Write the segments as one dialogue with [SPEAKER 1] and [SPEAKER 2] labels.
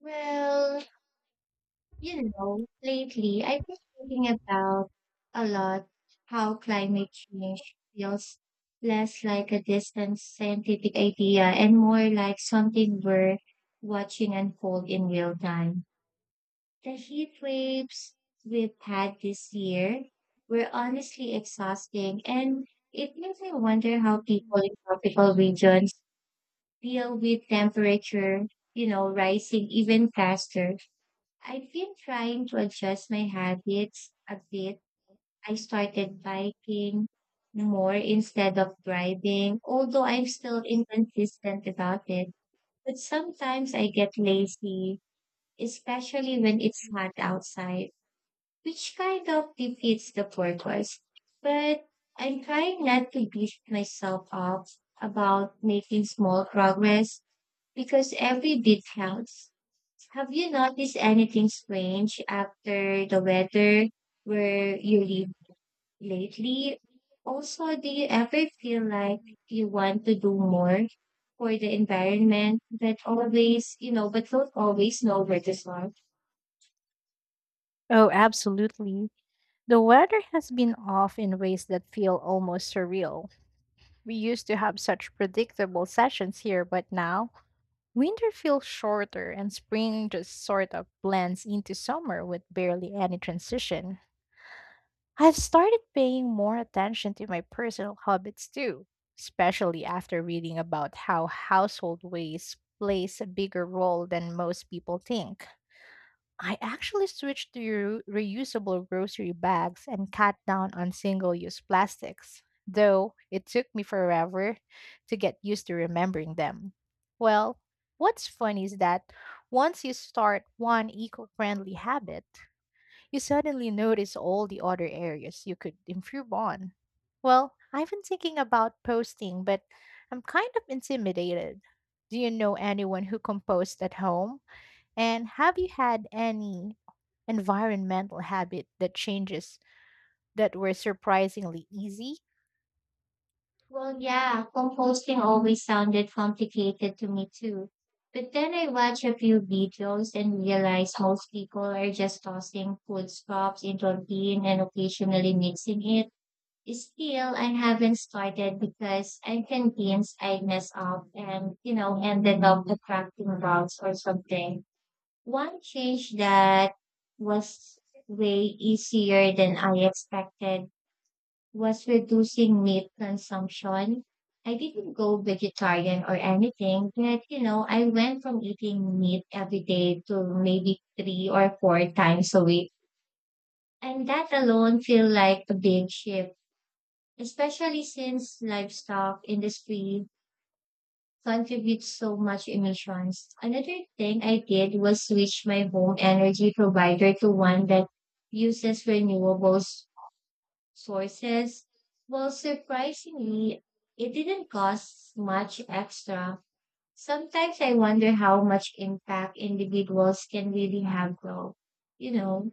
[SPEAKER 1] Well, lately I've been thinking about a lot how climate change feels less like a distant scientific idea and more like something we're watching unfold in real time. The heat waves we've had this year were honestly exhausting, and it makes me wonder how people in tropical regions deal with temperature, rising even faster. I've been trying to adjust my habits a bit. I started biking more instead of driving, although I'm still inconsistent about it. But sometimes I get lazy, especially when it's hot outside, which kind of defeats the purpose. But I'm trying not to beat myself up about making small progress because every bit counts. Have you noticed anything strange after the weather where you live lately? Also, do you ever feel like you want to do more for the environment, but always, but don't always know where to start?
[SPEAKER 2] Oh, absolutely. The weather has been off in ways that feel almost surreal. We used to have such predictable sessions here, but now winter feels shorter and spring just sort of blends into summer with barely any transition. I've started paying more attention to my personal habits too, especially after reading about how household waste plays a bigger role than most people think. I actually switched to reusable grocery bags and cut down on single use plastics, though it took me forever to get used to remembering them. Well, what's funny is that once you start one eco friendly habit, you suddenly notice all the other areas you could improve on. Well, I've been thinking about posting, but I'm kind of intimidated. Do you know anyone who composed at home? And have you had any environmental habit that changes that were surprisingly easy?
[SPEAKER 1] Well, yeah, composting always sounded complicated to me too. But then I watched a few videos and realized most people are just tossing food scraps into a bin and occasionally mixing it. Still, I haven't started because I'm convinced I mess up and, ended up attracting bugs or something. One change that was way easier than I expected was reducing meat consumption. I didn't go vegetarian or anything, but, I went from eating meat every day to maybe three or four times a week. And that alone feel like a big shift, especially since livestock industry contributes so much emissions. Another thing I did was switch my home energy provider to one that uses sources. Well, surprisingly, it didn't cost much extra. Sometimes I wonder how much impact individuals can really have though. You know,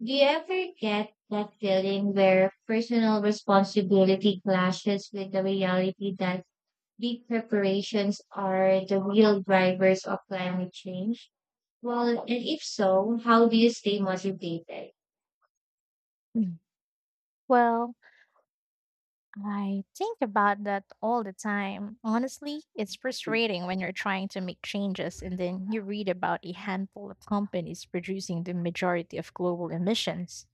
[SPEAKER 1] do you ever get that feeling where personal responsibility clashes with the reality that big corporations are the real drivers of climate change? Well, and if so, how do you stay motivated?
[SPEAKER 2] Mm. Well, I think about that all the time. Honestly, it's frustrating when you're trying to make changes and then you read about a handful of companies producing the majority of global emissions.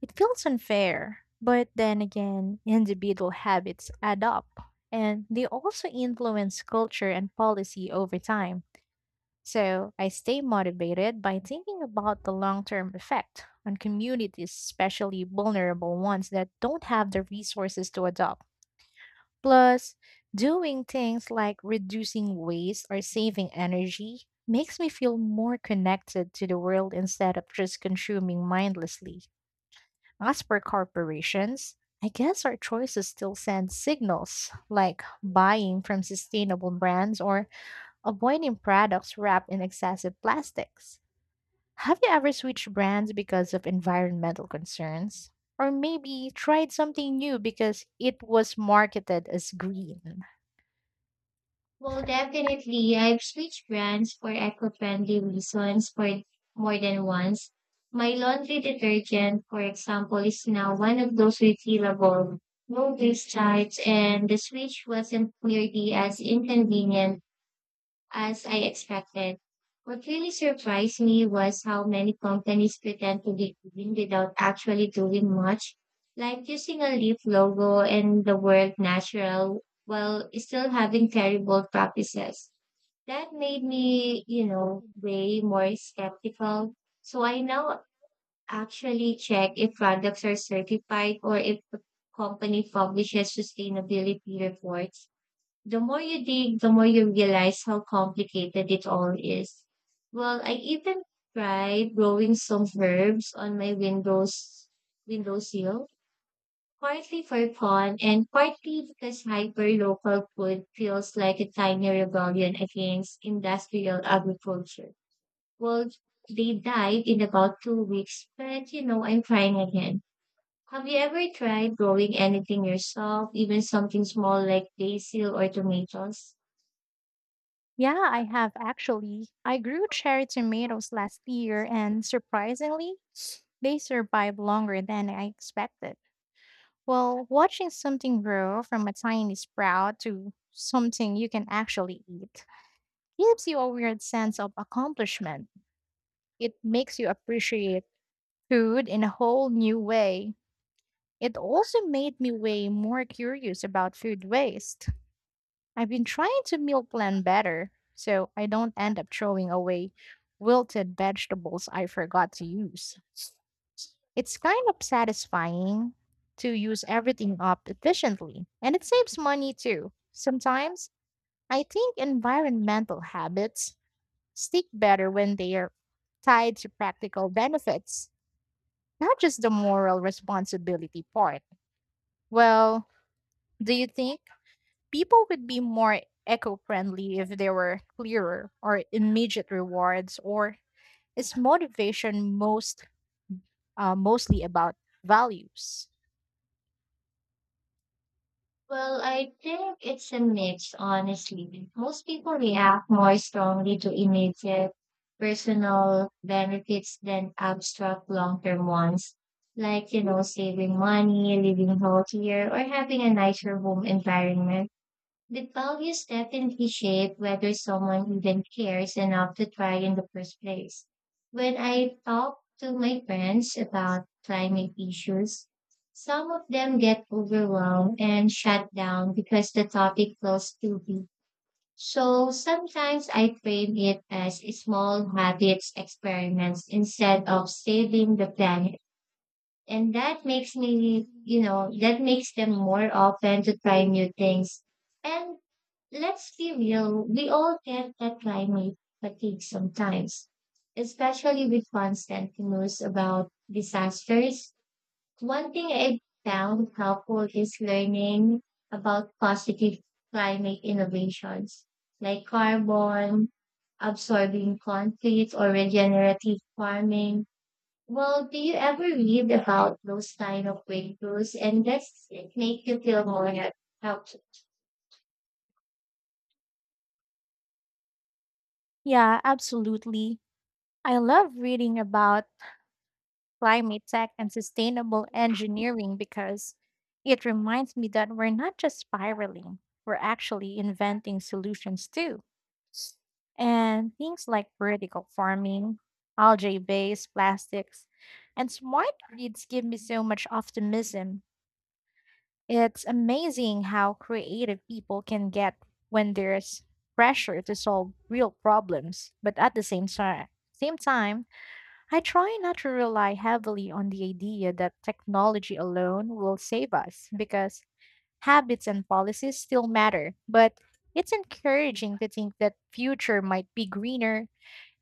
[SPEAKER 2] It feels unfair, but then again, individual habits add up and they also influence culture and policy over time. So I stay motivated by thinking about the long term effect on communities, especially vulnerable ones that don't have the resources to adopt. Plus, doing things like reducing waste or saving energy makes me feel more connected to the world instead of just consuming mindlessly. As for corporations, I guess our choices still send signals like buying from sustainable brands or avoiding products wrapped in excessive plastics. Have you ever switched brands because of environmental concerns? Or maybe tried something new because it was marketed as green?
[SPEAKER 1] Well, definitely. I've switched brands for eco-friendly reasons for more than once. My laundry detergent, for example, is now one of those refillable, no discharge, and the switch wasn't nearly as inconvenient as I expected. What really surprised me was how many companies pretend to be green without actually doing much, like using a leaf logo and the word natural while still having terrible practices. That made me, way more skeptical. So I now actually check if products are certified or if the company publishes sustainability reports. The more you dig, the more you realize how complicated it all is. Well, I even tried growing some herbs on my windowsill, partly for fun and partly because hyper-local food feels like a tiny rebellion against industrial agriculture. Well, they died in about 2 weeks, but I'm trying again. Have you ever tried growing anything yourself, even something small like basil or tomatoes?
[SPEAKER 2] Yeah, I have actually. I grew cherry tomatoes last year, and surprisingly, they survived longer than I expected. Well, watching something grow from a tiny sprout to something you can actually eat gives you a weird sense of accomplishment. It makes you appreciate food in a whole new way. It also made me way more curious about food waste. I've been trying to meal plan better so I don't end up throwing away wilted vegetables I forgot to use. It's kind of satisfying to use everything up efficiently, and it saves money too. Sometimes I think environmental habits stick better when they are tied to practical benefits, not just the moral responsibility part. Well, do you think people would be more eco friendly if there were clearer or immediate rewards, or is motivation most mostly about values?
[SPEAKER 1] Well, I think it's a mix, honestly. Most people react more strongly to immediate personal benefits than abstract long-term ones, like, saving money, living healthier, or having a nicer home environment. The values definitely shape whether someone even cares enough to try in the first place. When I talk to my friends about climate issues, some of them get overwhelmed and shut down because the topic feels too big. So sometimes I frame it as small habits experiments instead of saving the planet, and that makes me that makes them more open to try new things. And let's be real, we all get that climate fatigue sometimes, especially with constant news about disasters. One thing I found helpful is learning about positive climate innovations like carbon absorbing conflict or regenerative farming. Well, do you ever read about those kind of breakthroughs, and does it make you feel helpful?
[SPEAKER 2] Yeah, absolutely. I love reading about climate tech and sustainable engineering because it reminds me that we're not just spiraling, we're actually inventing solutions too. And things like vertical farming, algae based plastics, and smart grids give me so much optimism. It's amazing how creative people can get when there's pressure to solve real problems, but at the same time, I try not to rely heavily on the idea that technology alone will save us because habits and policies still matter. But it's encouraging to think that future might be greener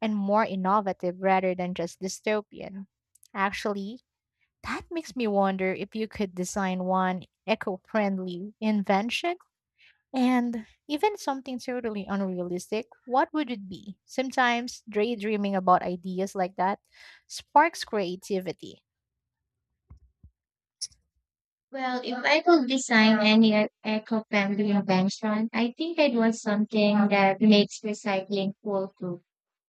[SPEAKER 2] and more innovative rather than just dystopian. Actually, that makes me wonder if you could design one eco-friendly invention and even something totally unrealistic, what would it be? Sometimes daydreaming about ideas like that sparks creativity.
[SPEAKER 1] Well, if I could design any eco-friendly invention, I think I'd want something that makes recycling cool too.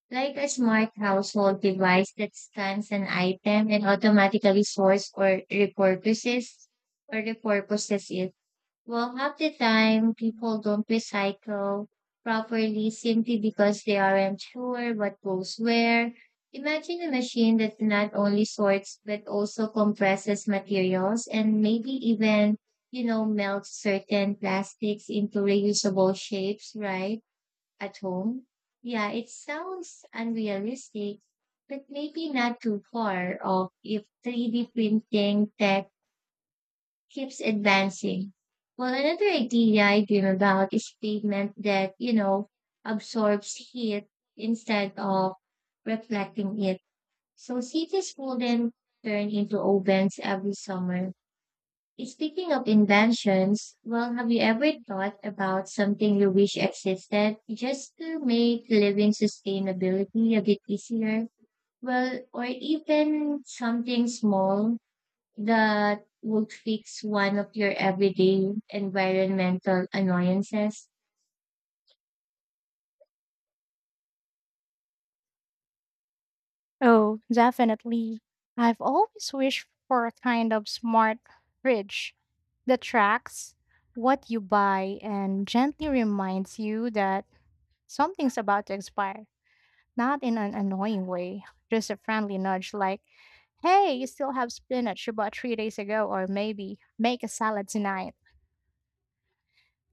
[SPEAKER 1] Like a smart household device that scans an item and automatically sorts or repurposes it. Well, half the time people don't recycle properly simply because they aren't sure what goes where. Imagine a machine that not only sorts but also compresses materials and maybe even, melts certain plastics into reusable shapes, right? At home. Yeah, it sounds unrealistic, but maybe not too far off if 3D printing tech keeps advancing. Well, another idea I dream about is pavement that, absorbs heat instead of reflecting it. So cities wouldn't turn into ovens every summer. Speaking of inventions, well, have you ever thought about something you wish existed just to make living sustainability a bit easier? Well, or even something small that would fix one of your everyday environmental annoyances?
[SPEAKER 2] Oh, definitely. I've always wished for a kind of smart fridge that tracks what you buy and gently reminds you that something's about to expire. Not in an annoying way, just a friendly nudge like, hey, you still have spinach you bought 3 days ago, or maybe make a salad tonight.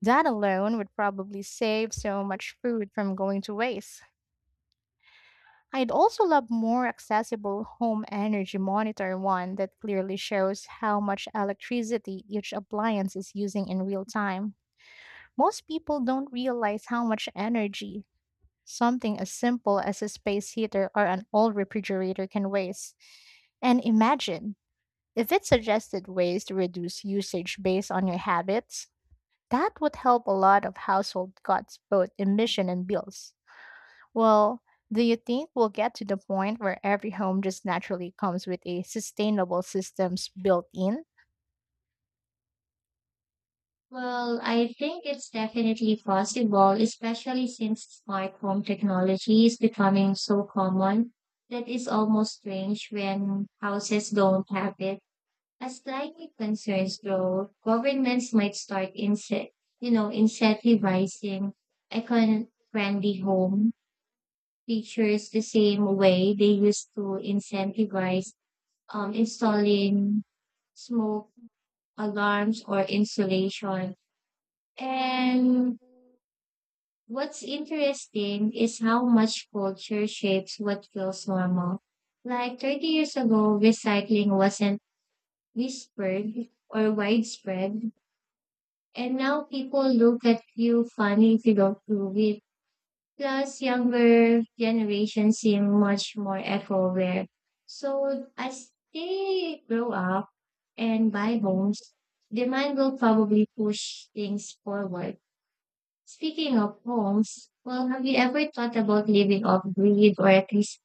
[SPEAKER 2] That alone would probably save so much food from going to waste. I'd also love more accessible home energy monitor one that clearly shows how much electricity each appliance is using in real time. Most people don't realize how much energy something as simple as a space heater or an old refrigerator can waste. And imagine if it suggested ways to reduce usage based on your habits, that would help a lot of household cuts both emission and bills. Well, do you think we'll get to the point where every home just naturally comes with a sustainable systems built in?
[SPEAKER 1] Well, I think it's definitely possible, especially since smart home technology is becoming so common that it's almost strange when houses don't have it. As climate concerns grow, governments might start incentivizing econ-friendly home features the same way they used to incentivize installing smoke alarms or insulation. And what's interesting is how much culture shapes what feels normal. Like 30 years ago, recycling wasn't whispered or widespread, and now people look at you funny if you don't prove it. Plus, younger generations seem much more eco-aware. So as they grow up, and buy homes, demand will probably push things forward. Speaking of homes, well, have you ever thought about living off grid or at least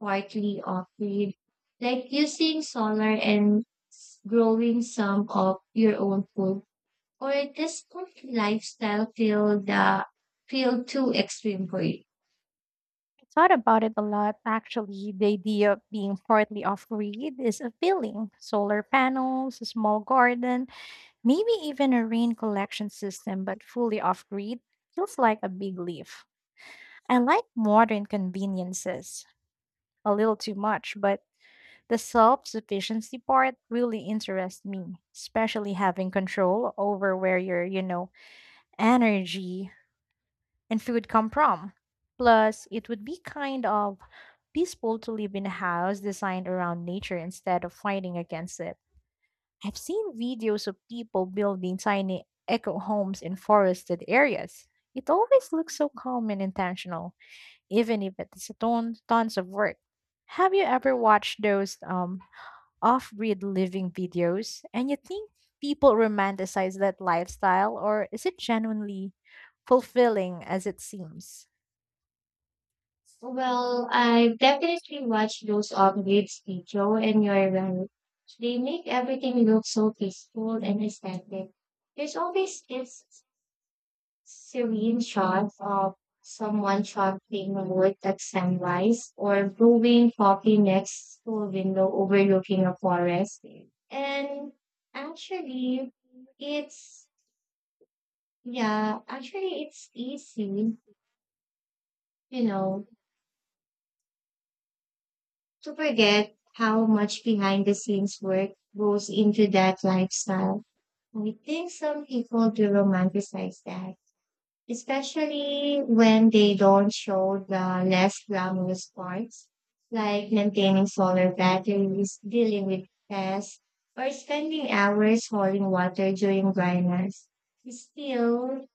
[SPEAKER 1] partly off grid? Like using solar and growing some of your own food? Or does this lifestyle feel too extreme for you?
[SPEAKER 2] I thought about it a lot actually. The idea of being partly off grid is appealing. Solar panels, a small garden, maybe even a rain collection system, but fully off grid feels like a big leap. I like modern conveniences a little too much, but the self sufficiency part really interests me, especially having control over where your energy and food come from. Plus, it would be kind of peaceful to live in a house designed around nature instead of fighting against it. I've seen videos of people building tiny eco homes in forested areas. It always looks so calm and intentional, even if it's tons of work. Have you ever watched those off grid living videos and you think people romanticize that lifestyle, or is it genuinely fulfilling as it seems?
[SPEAKER 1] Well, I've definitely watched those updates, Joe, and you're right. They make everything look so peaceful and aesthetic. There's always this serene shot of someone chopping wood at sunrise or brewing coffee next to a window overlooking a forest. And actually, it's, yeah, actually, it's easy, you know, to forget how much behind the scenes work goes into that lifestyle. I think some people do romanticize that, especially when they don't show the less glamorous parts, like maintaining solar batteries, dealing with pests, or spending hours hauling water during dryness. Still,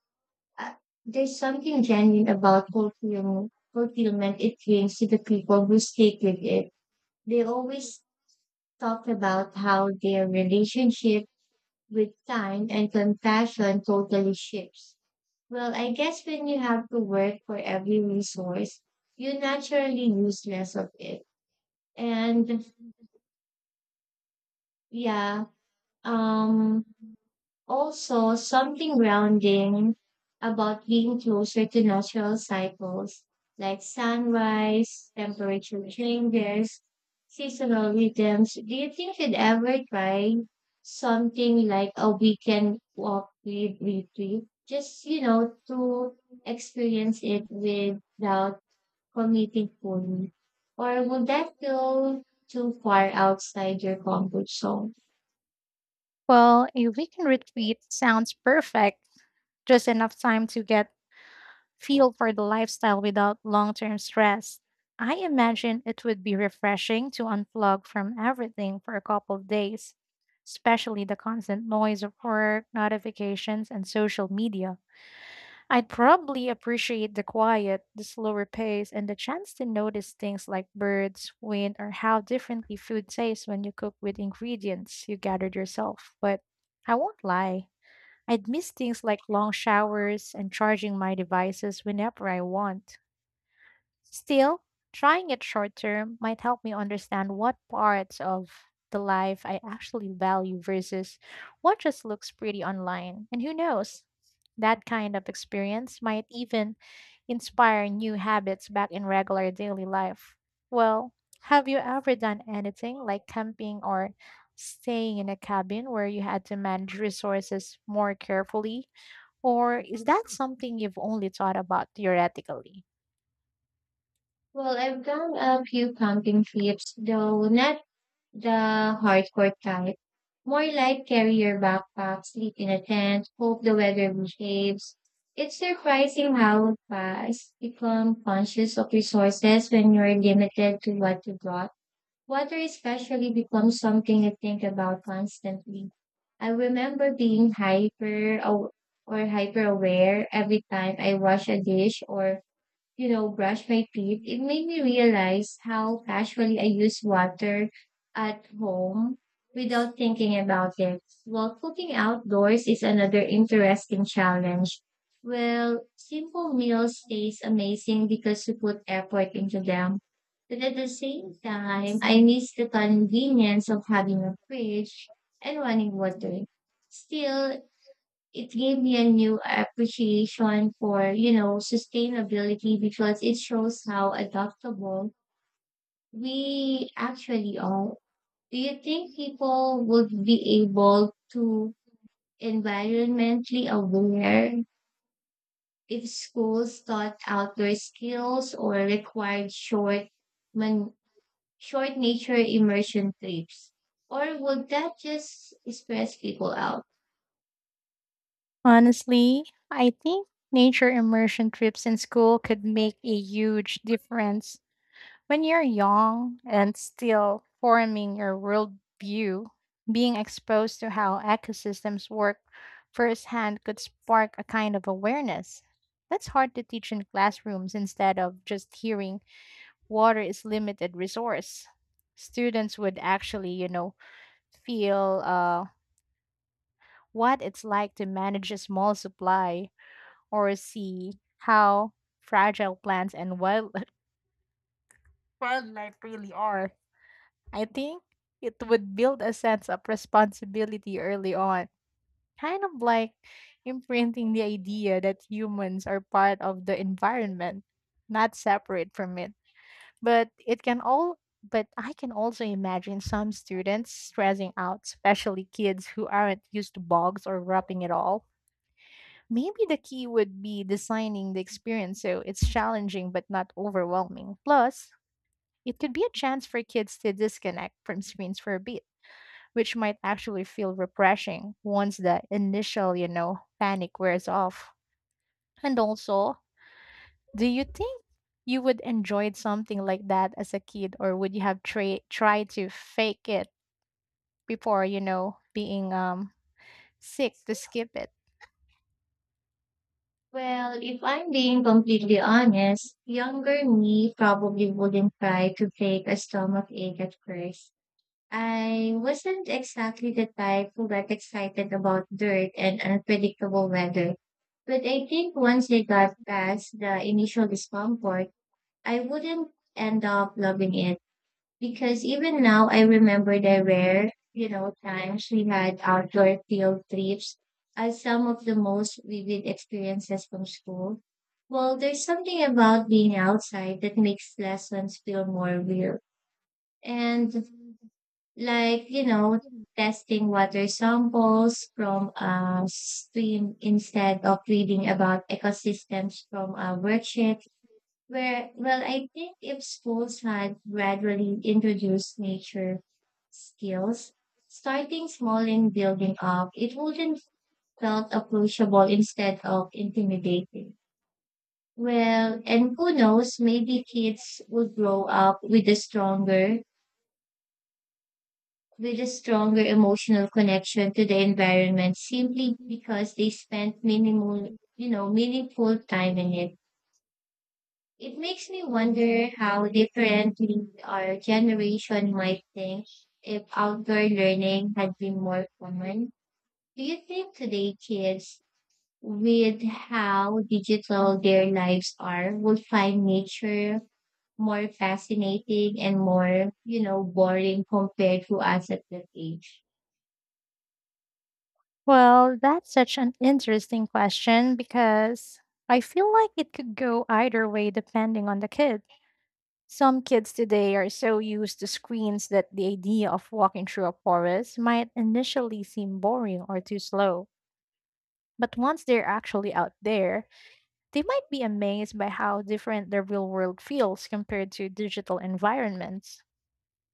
[SPEAKER 1] uh, there's something genuine about fulfillment it brings to the people who stick with it. They always talk about how their relationship with time and compassion totally shifts. Well, I guess when you have to work for every resource, you naturally use less of it. And yeah, um, also, something grounding about being closer to natural cycles like sunrise, temperature changes, seasonal rhythms. Do you think you'd ever try something like a weekend walk with retreat? Just, to experience it without committing fully. Or would that feel too far outside your comfort zone?
[SPEAKER 2] Well, a weekend retreat sounds perfect, just enough time to get feel for the lifestyle without long term stress. I imagine it would be refreshing to unplug from everything for a couple of days, especially the constant noise of work, notifications, and social media. I'd probably appreciate the quiet, the slower pace, and the chance to notice things like birds, wind, or how differently food tastes when you cook with ingredients you gathered yourself. But I won't lie. I'd miss things like long showers and charging my devices whenever I want. Still, trying it short term might help me understand what parts of the life I actually value versus what just looks pretty online. And who knows? That kind of experience might even inspire new habits back in regular daily life. Well, have you ever done anything like camping or staying in a cabin where you had to manage resources more carefully? Or is that something you've only thought about theoretically?
[SPEAKER 1] Well, I've done a few camping trips, though not the hardcore type. More like carry your backpack, sleep in a tent, hope the weather behaves. It's surprising how fast you become conscious of resources when you're limited to what you brought. Water especially becomes something you think about constantly. I remember being hyper aw- or hyper aware every time I wash a dish or brush my teeth. It made me realize how casually I use water at home without thinking about it. While cooking outdoors is another interesting challenge. Well, simple meals taste amazing because you put effort into them. But at the same time, I miss the convenience of having a fridge and running water. Still, it gave me a new appreciation for sustainability because it shows how adaptable we actually are. Do you think people would be able to environmentally aware if schools taught outdoor skills or required man, short nature immersion trips, or would that just stress people out?
[SPEAKER 2] Honestly, I think nature immersion trips in school could make a huge difference. When you're young and still forming your worldview, being exposed to how ecosystems work firsthand could spark a kind of awareness. That's hard to teach in classrooms instead of just hearing water is limited resource. Students would actually, feel what it's like to manage a small supply or see how fragile plants and wildlife really are. I think it would build a sense of responsibility early on, kind of like imprinting the idea that humans are part of the environment, not separate from it. But it can all but I can also imagine some students stressing out, especially kids who aren't used to bogs or wrapping at all. Maybe the key would be designing the experience so it's challenging but not overwhelming. Plus, it could be a chance for kids to disconnect from screens for a bit, which might actually feel refreshing once the initial panic wears off. And also, do you think you would enjoy something like that as a kid or would you have tried to fake it before, being sick to skip it?
[SPEAKER 1] Well, if I'm being completely honest, younger me probably wouldn't try to fake a stomach ache at first. I wasn't exactly the type who got excited about dirt and unpredictable weather. But I think once I got past the initial discomfort, I wouldn't end up loving it. Because even now, I remember the rare, times we had outdoor field trips as some of the most vivid experiences from school. Well, there's something about being outside that makes lessons feel more real. And like, testing water samples from a stream instead of reading about ecosystems from a worksheet where, well, I think if schools had gradually introduced nature skills, starting small and building up, it wouldn't felt approachable instead of intimidating. Well, and who knows, maybe kids would grow up with a stronger emotional connection to the environment simply because they spent minimal, meaningful time in it. It makes me wonder how differently our generation might think if outdoor learning had been more common. Do you think today kids, with how digital their lives are, would find nature more fascinating and more, boring compared to us at that age?
[SPEAKER 2] Well, that's such an interesting question because I feel like it could go either way depending on the kid. Some kids today are so used to screens that the idea of walking through a forest might initially seem boring or too slow. But once they're actually out there, they might be amazed by how different the real world feels compared to digital environments.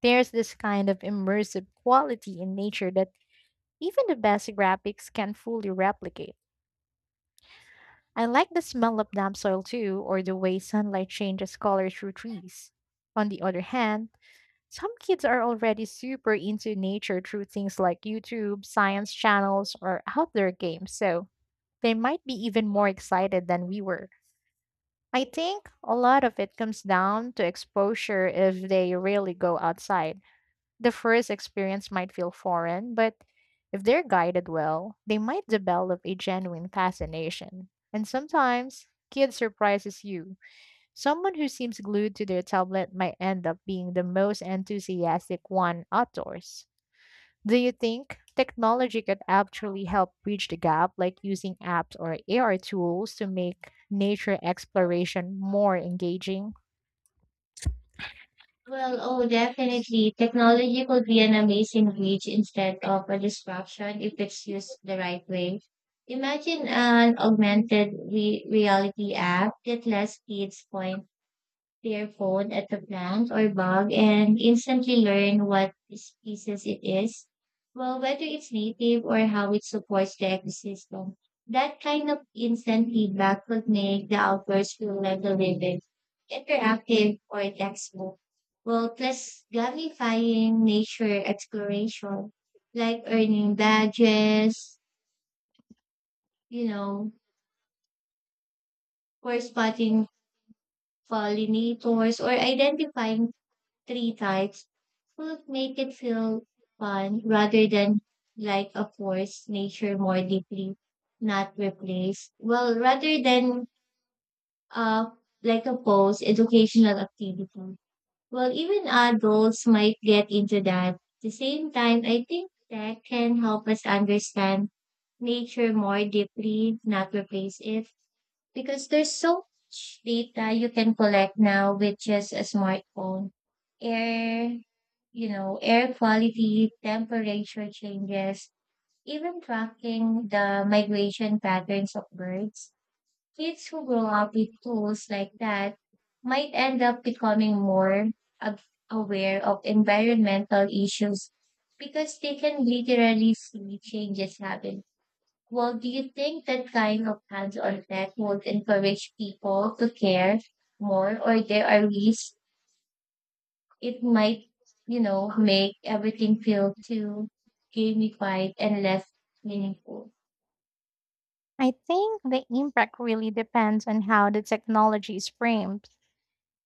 [SPEAKER 2] There's this kind of immersive quality in nature that even the best graphics can not fully replicate. I like the smell of damp soil too, or the way sunlight changes color through trees. On the other hand, some kids are already super into nature through things like YouTube, science channels, or outdoor games, so they might be even more excited than we were. I think a lot of it comes down to exposure if they really go outside. The first experience might feel foreign, but if they're guided well, they might develop a genuine fascination. And sometimes, kid surprises you. Someone who seems glued to their tablet might end up being the most enthusiastic one outdoors. Do you think technology could actually help bridge the gap, like using apps or AR tools to make nature exploration more engaging?
[SPEAKER 1] Well, oh, definitely. Technology could be an amazing bridge instead of a distraction if it's used the right way. Imagine an augmented reality app that lets kids point their phone at a plant or bug and instantly learn what species it is. Well, whether it's native or how it supports the ecosystem, that kind of instant feedback could make the outdoors feel like a living, interactive, or textbook. Well, plus gamifying nature exploration, like earning badges, you know, for spotting pollinators or identifying three types would make it feel fun rather than like a forced nature more deeply, not replace. Well, rather than uh like a post educational activity. Well, even adults might get into that. The same time, I think that can help us understand nature more deeply, not replace it because there's so much data you can collect now with just a smartphone. Air, air quality, temperature changes, even tracking the migration patterns of birds. Kids who grow up with tools like that might end up becoming ab- aware of environmental issues because they can literally see changes happening. Well, do you think that kind of hands-on tech would encourage people to care more, or there are risks it might, make everything feel too gamified and less meaningful?
[SPEAKER 2] I think the impact really depends on how the technology is framed.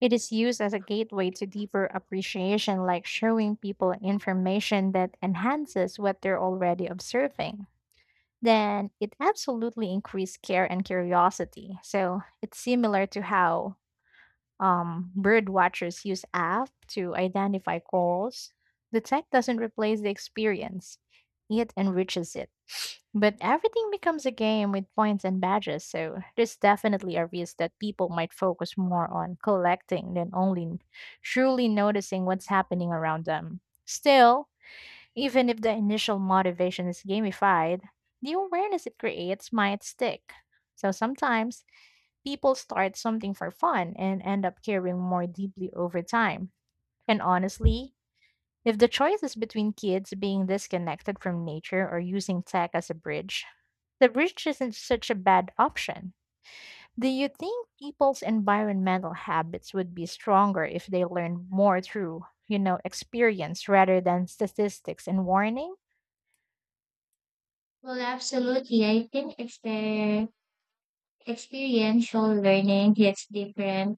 [SPEAKER 2] It is used as a gateway to deeper appreciation, like showing people information that enhances what they're already observing. Then it absolutely increased care and curiosity. So it's similar to how bird watchers use app to identify calls. The tech doesn't replace the experience; it enriches it. But everything becomes a game with points and badges, so there's definitely a risk that people might focus more on collecting than only truly noticing what's happening around them. Still, even if the initial motivation is gamified, the awareness it creates might stick. So sometimes people start something for fun and end up caring more deeply over time. And honestly, if the choice is between kids being disconnected from nature or using tech as a bridge, the bridge isn't such a bad option. Do you think people's environmental habits would be stronger if they learned more through, you know, experience rather than statistics and warning?
[SPEAKER 1] Well, absolutely. I think experiential learning hits different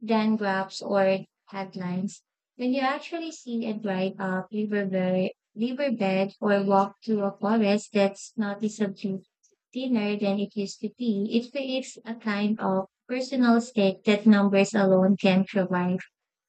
[SPEAKER 1] than graphs or headlines. When you actually see and drive up riverbed or walk through a forest that's noticeably thinner than it used to be, it creates a kind of personal stake that numbers alone can provide.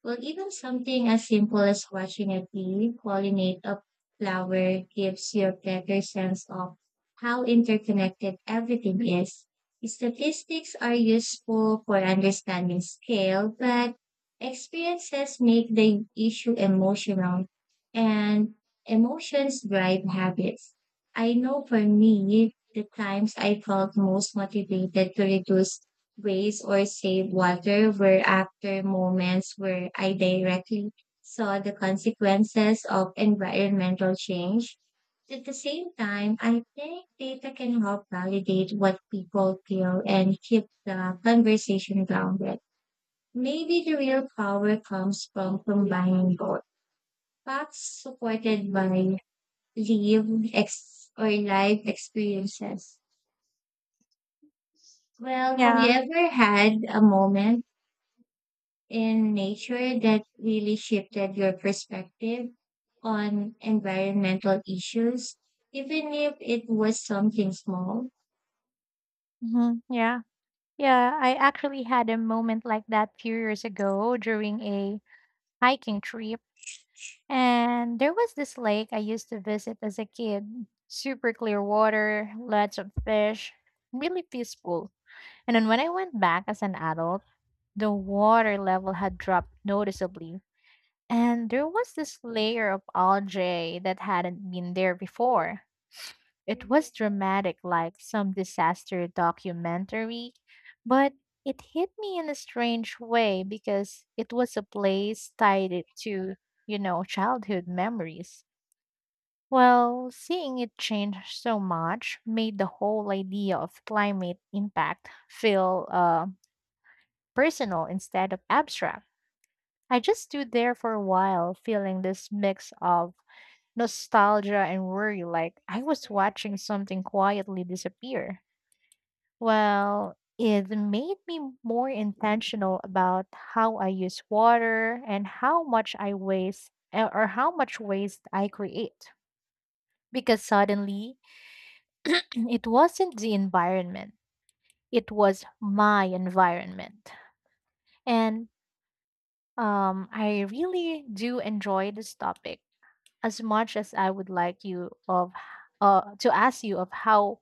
[SPEAKER 1] Well, even something as simple as watching a bee pollinate a flower gives you a better sense of how interconnected everything is. Statistics are useful for understanding scale, but experiences make the issue emotional, and emotions drive habits. I know for me, the times I felt most motivated to reduce waste or save water were after moments where I directly saw the consequences of environmental change. At the same time, I think data can help validate what people feel and keep the conversation grounded. Maybe the real power comes from combining both facts supported by live ex- or life experiences. Well, have you
[SPEAKER 2] Yeah.
[SPEAKER 1] ever had a moment in nature that really shifted your perspective on environmental issues, even if it was something small?
[SPEAKER 2] Hmm. Yeah. Yeah, I actually had a moment like that few years ago during a hiking trip. And there was this lake I used to visit as a kid. Super clear water, lots of fish, really peaceful. And then when I went back as an adult, the water level had dropped noticeably. And there was this layer of algae that hadn't been there before. It was dramatic, like some disaster documentary, but it hit me in a strange way because it was a place tied it to childhood memories. Well, seeing it change so much made the whole idea of climate impact feel personal instead of abstract. I just stood there for a while, feeling this mix of nostalgia and worry, like I was watching something quietly disappear. Well, it made me more intentional about how I use water and how much I waste, or how much waste I create. Because suddenly, it wasn't the environment, it was my environment. And I really do enjoy this topic as much as I would like you of to ask you of how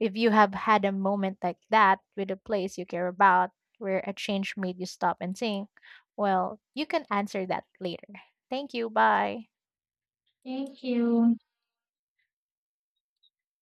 [SPEAKER 2] if you have had a moment like that with a place you care about where a change made you stop and think. Well, you can answer that later. Thank you. Bye.
[SPEAKER 1] Thank you.